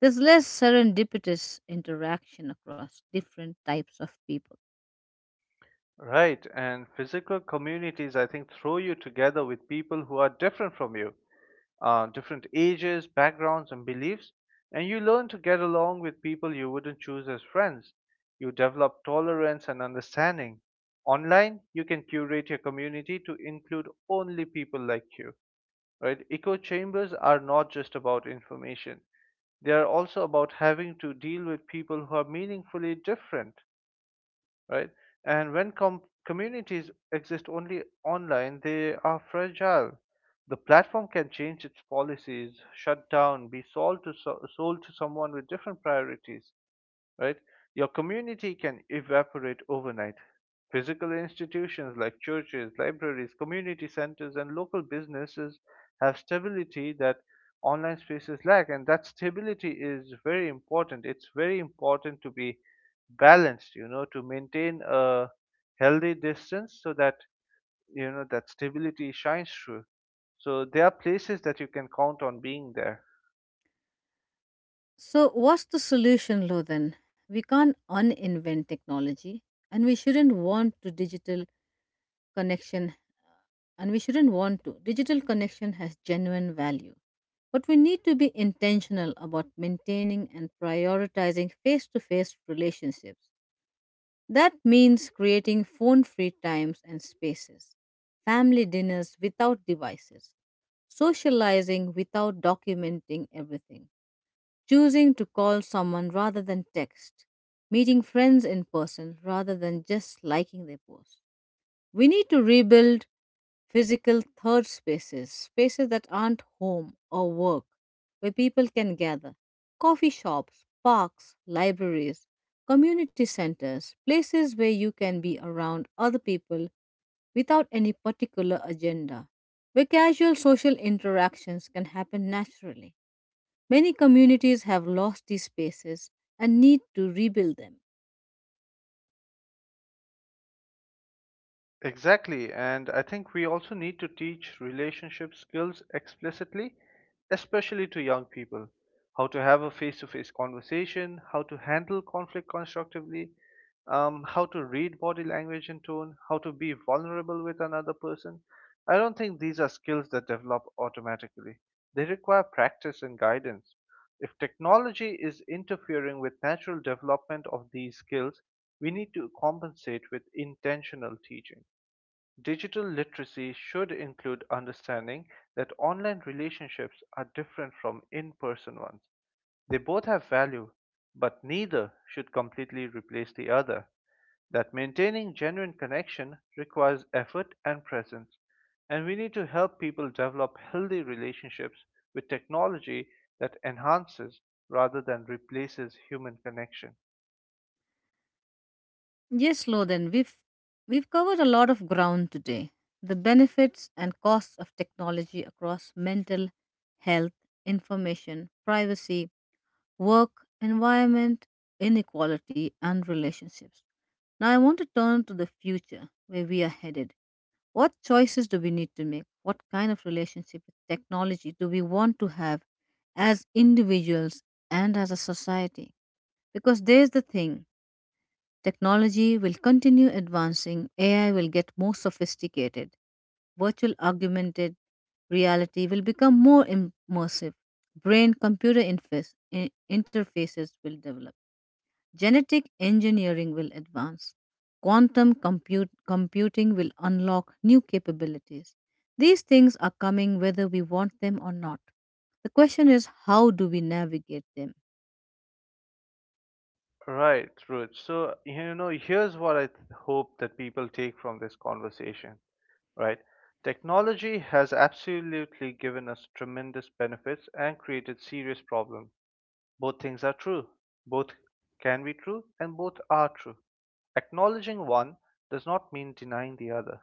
A: There's less serendipitous interaction across different types of people.
B: Right, and physical communities, I think, throw you together with people who are different from you, different ages, backgrounds, and beliefs, and you learn to get along with people you wouldn't choose as friends. You develop tolerance and understanding. Online, you can curate your community to include only people like you, right? Echo chambers are not just about information, they are also about having to deal with people who are meaningfully different, right? And when communities exist only online, they are fragile. The platform can change its policies, shut down, be sold to someone with different priorities, right? Your community can evaporate overnight. Physical institutions like churches, libraries, community centers, and local businesses have stability that online spaces lack, and that stability is very important. It's very important to be balanced, you know, to maintain a healthy distance so that, you know, that stability shines through. So there are places that you can count on being there.
A: So, what's the solution, Lo? We can't uninvent technology and we shouldn't want to digital connection and we shouldn't want to. Digital connection has genuine value, but we need to be intentional about maintaining and prioritizing face to face relationships. That means creating phone free times and spaces, family dinners without devices, socializing without documenting everything, choosing to call someone rather than text, meeting friends in person rather than just liking their post. We need to rebuild physical third spaces, spaces that aren't home or work, where people can gather. Coffee shops, parks, libraries, community centers, places where you can be around other people without any particular agenda, where casual social interactions can happen naturally. Many communities have lost these spaces and need to rebuild them.
B: Exactly, and I think we also need to teach relationship skills explicitly, especially to young people. How to have a face to face conversation, how to handle conflict constructively, how to read body language and tone, how to be vulnerable with another person. I don't think these are skills that develop automatically. They require practice and guidance. If technology is interfering with natural development of these skills, we need to compensate with intentional teaching. Digital literacy should include understanding that online relationships are different from in person ones. They both have value, but neither should completely replace the other. That maintaining genuine connection requires effort and presence, and we need to help people develop healthy relationships with technology that enhances rather than replaces human connection.
A: Yes, Lothan, we've covered a lot of ground today. The benefits and costs of technology across mental health, information, privacy, work, environment, inequality, and relationships. Now I want to turn to the future where we are headed. What choices do we need to make? What kind of relationship with technology do we want to have as individuals and as a society? Because there's the thing. Technology will continue advancing, AI will get more sophisticated, virtual augmented reality will become more immersive, brain computer interface, I- interfaces will develop, genetic engineering will advance, computing will unlock new capabilities. These things are coming whether we want them or not. The question is, how do we navigate them?
B: Right, Ruth. So, here's what I hope that people take from this conversation, right? Technology has absolutely given us tremendous benefits and created serious problems. Both things are true. Both can be true and both are true. Acknowledging one does not mean denying the other.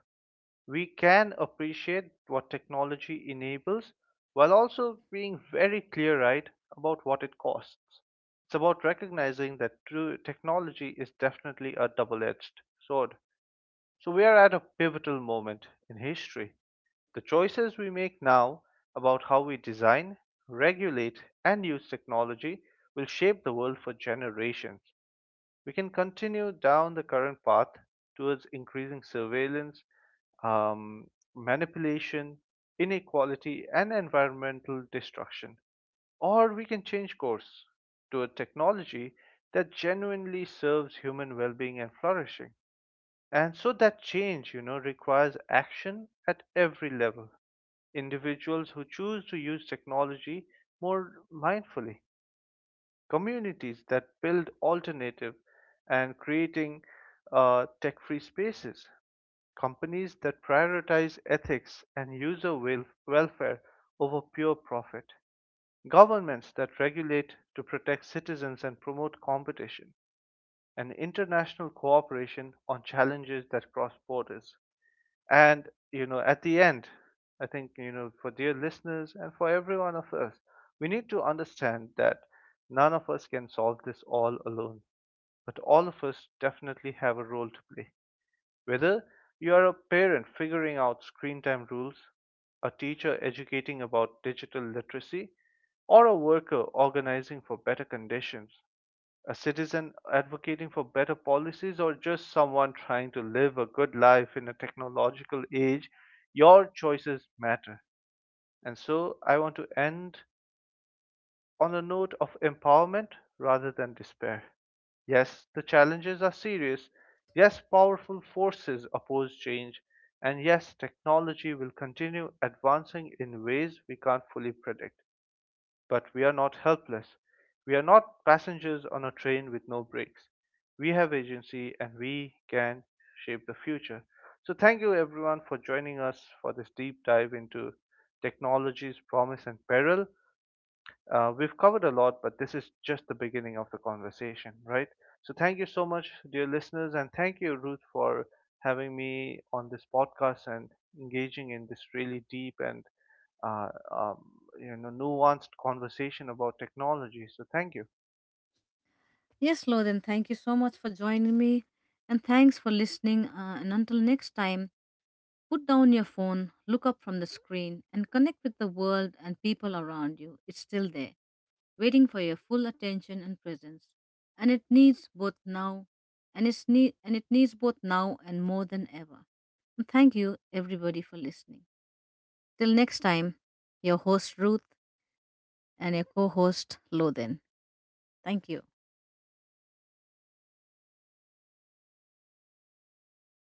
B: We can appreciate what technology enables while also being very clear eyed about what it costs. It's about recognizing that true technology is definitely a double edged sword. So, we are at a pivotal moment in history. The choices we make now about how we design, regulate, and use technology will shape the world for generations. We can continue down the current path towards increasing surveillance, um, manipulation, inequality, and environmental destruction. Or we can change course toward technology that genuinely serves human well being and flourishing. And so that change, you know, requires action at every level: individuals who choose to use technology more mindfully, communities that build alternative and creating tech free spaces, companies that prioritize ethics and user welfare over pure profit, governments that regulate to protect citizens and promote competition, and international cooperation on challenges that cross borders. And, you know, at the end, I think, you know, for dear listeners and for every one of us, we need to understand that none of us can solve this all alone. But all of us definitely have a role to play. Whether you are a parent figuring out screen time rules, a teacher educating about digital literacy, or a worker organizing for better conditions, a citizen advocating for better policies or just someone trying to live a good life in a technological age, your choices matter. And so I want to end on a note of empowerment rather than despair. Yes, the challenges are serious. Yes, powerful forces oppose change. And yes, technology will continue advancing in ways we can't fully predict. But we are not helpless. We are not passengers on a train with no brakes. We have agency and we can shape the future. So, thank you everyone for joining us for this deep dive into technology's promise and peril. We've covered a lot, but this is just the beginning of the conversation, right? So, thank you so much, dear listeners, and thank you, Ruth, for having me on this podcast and engaging in this really deep and uh, um, nuanced conversation about technology. So thank you.
A: Yes, Loden, thank you so much for joining me. And thanks for listening. And until next time, put down your phone, look up from the screen, and connect with the world and people around you. It's still there, waiting for your full attention and presence. And it needs both now, and, it's need, and it needs both now and more than ever. And thank you, everybody, for listening. Till next time, your host Ruth and your co host Loden. Thank you.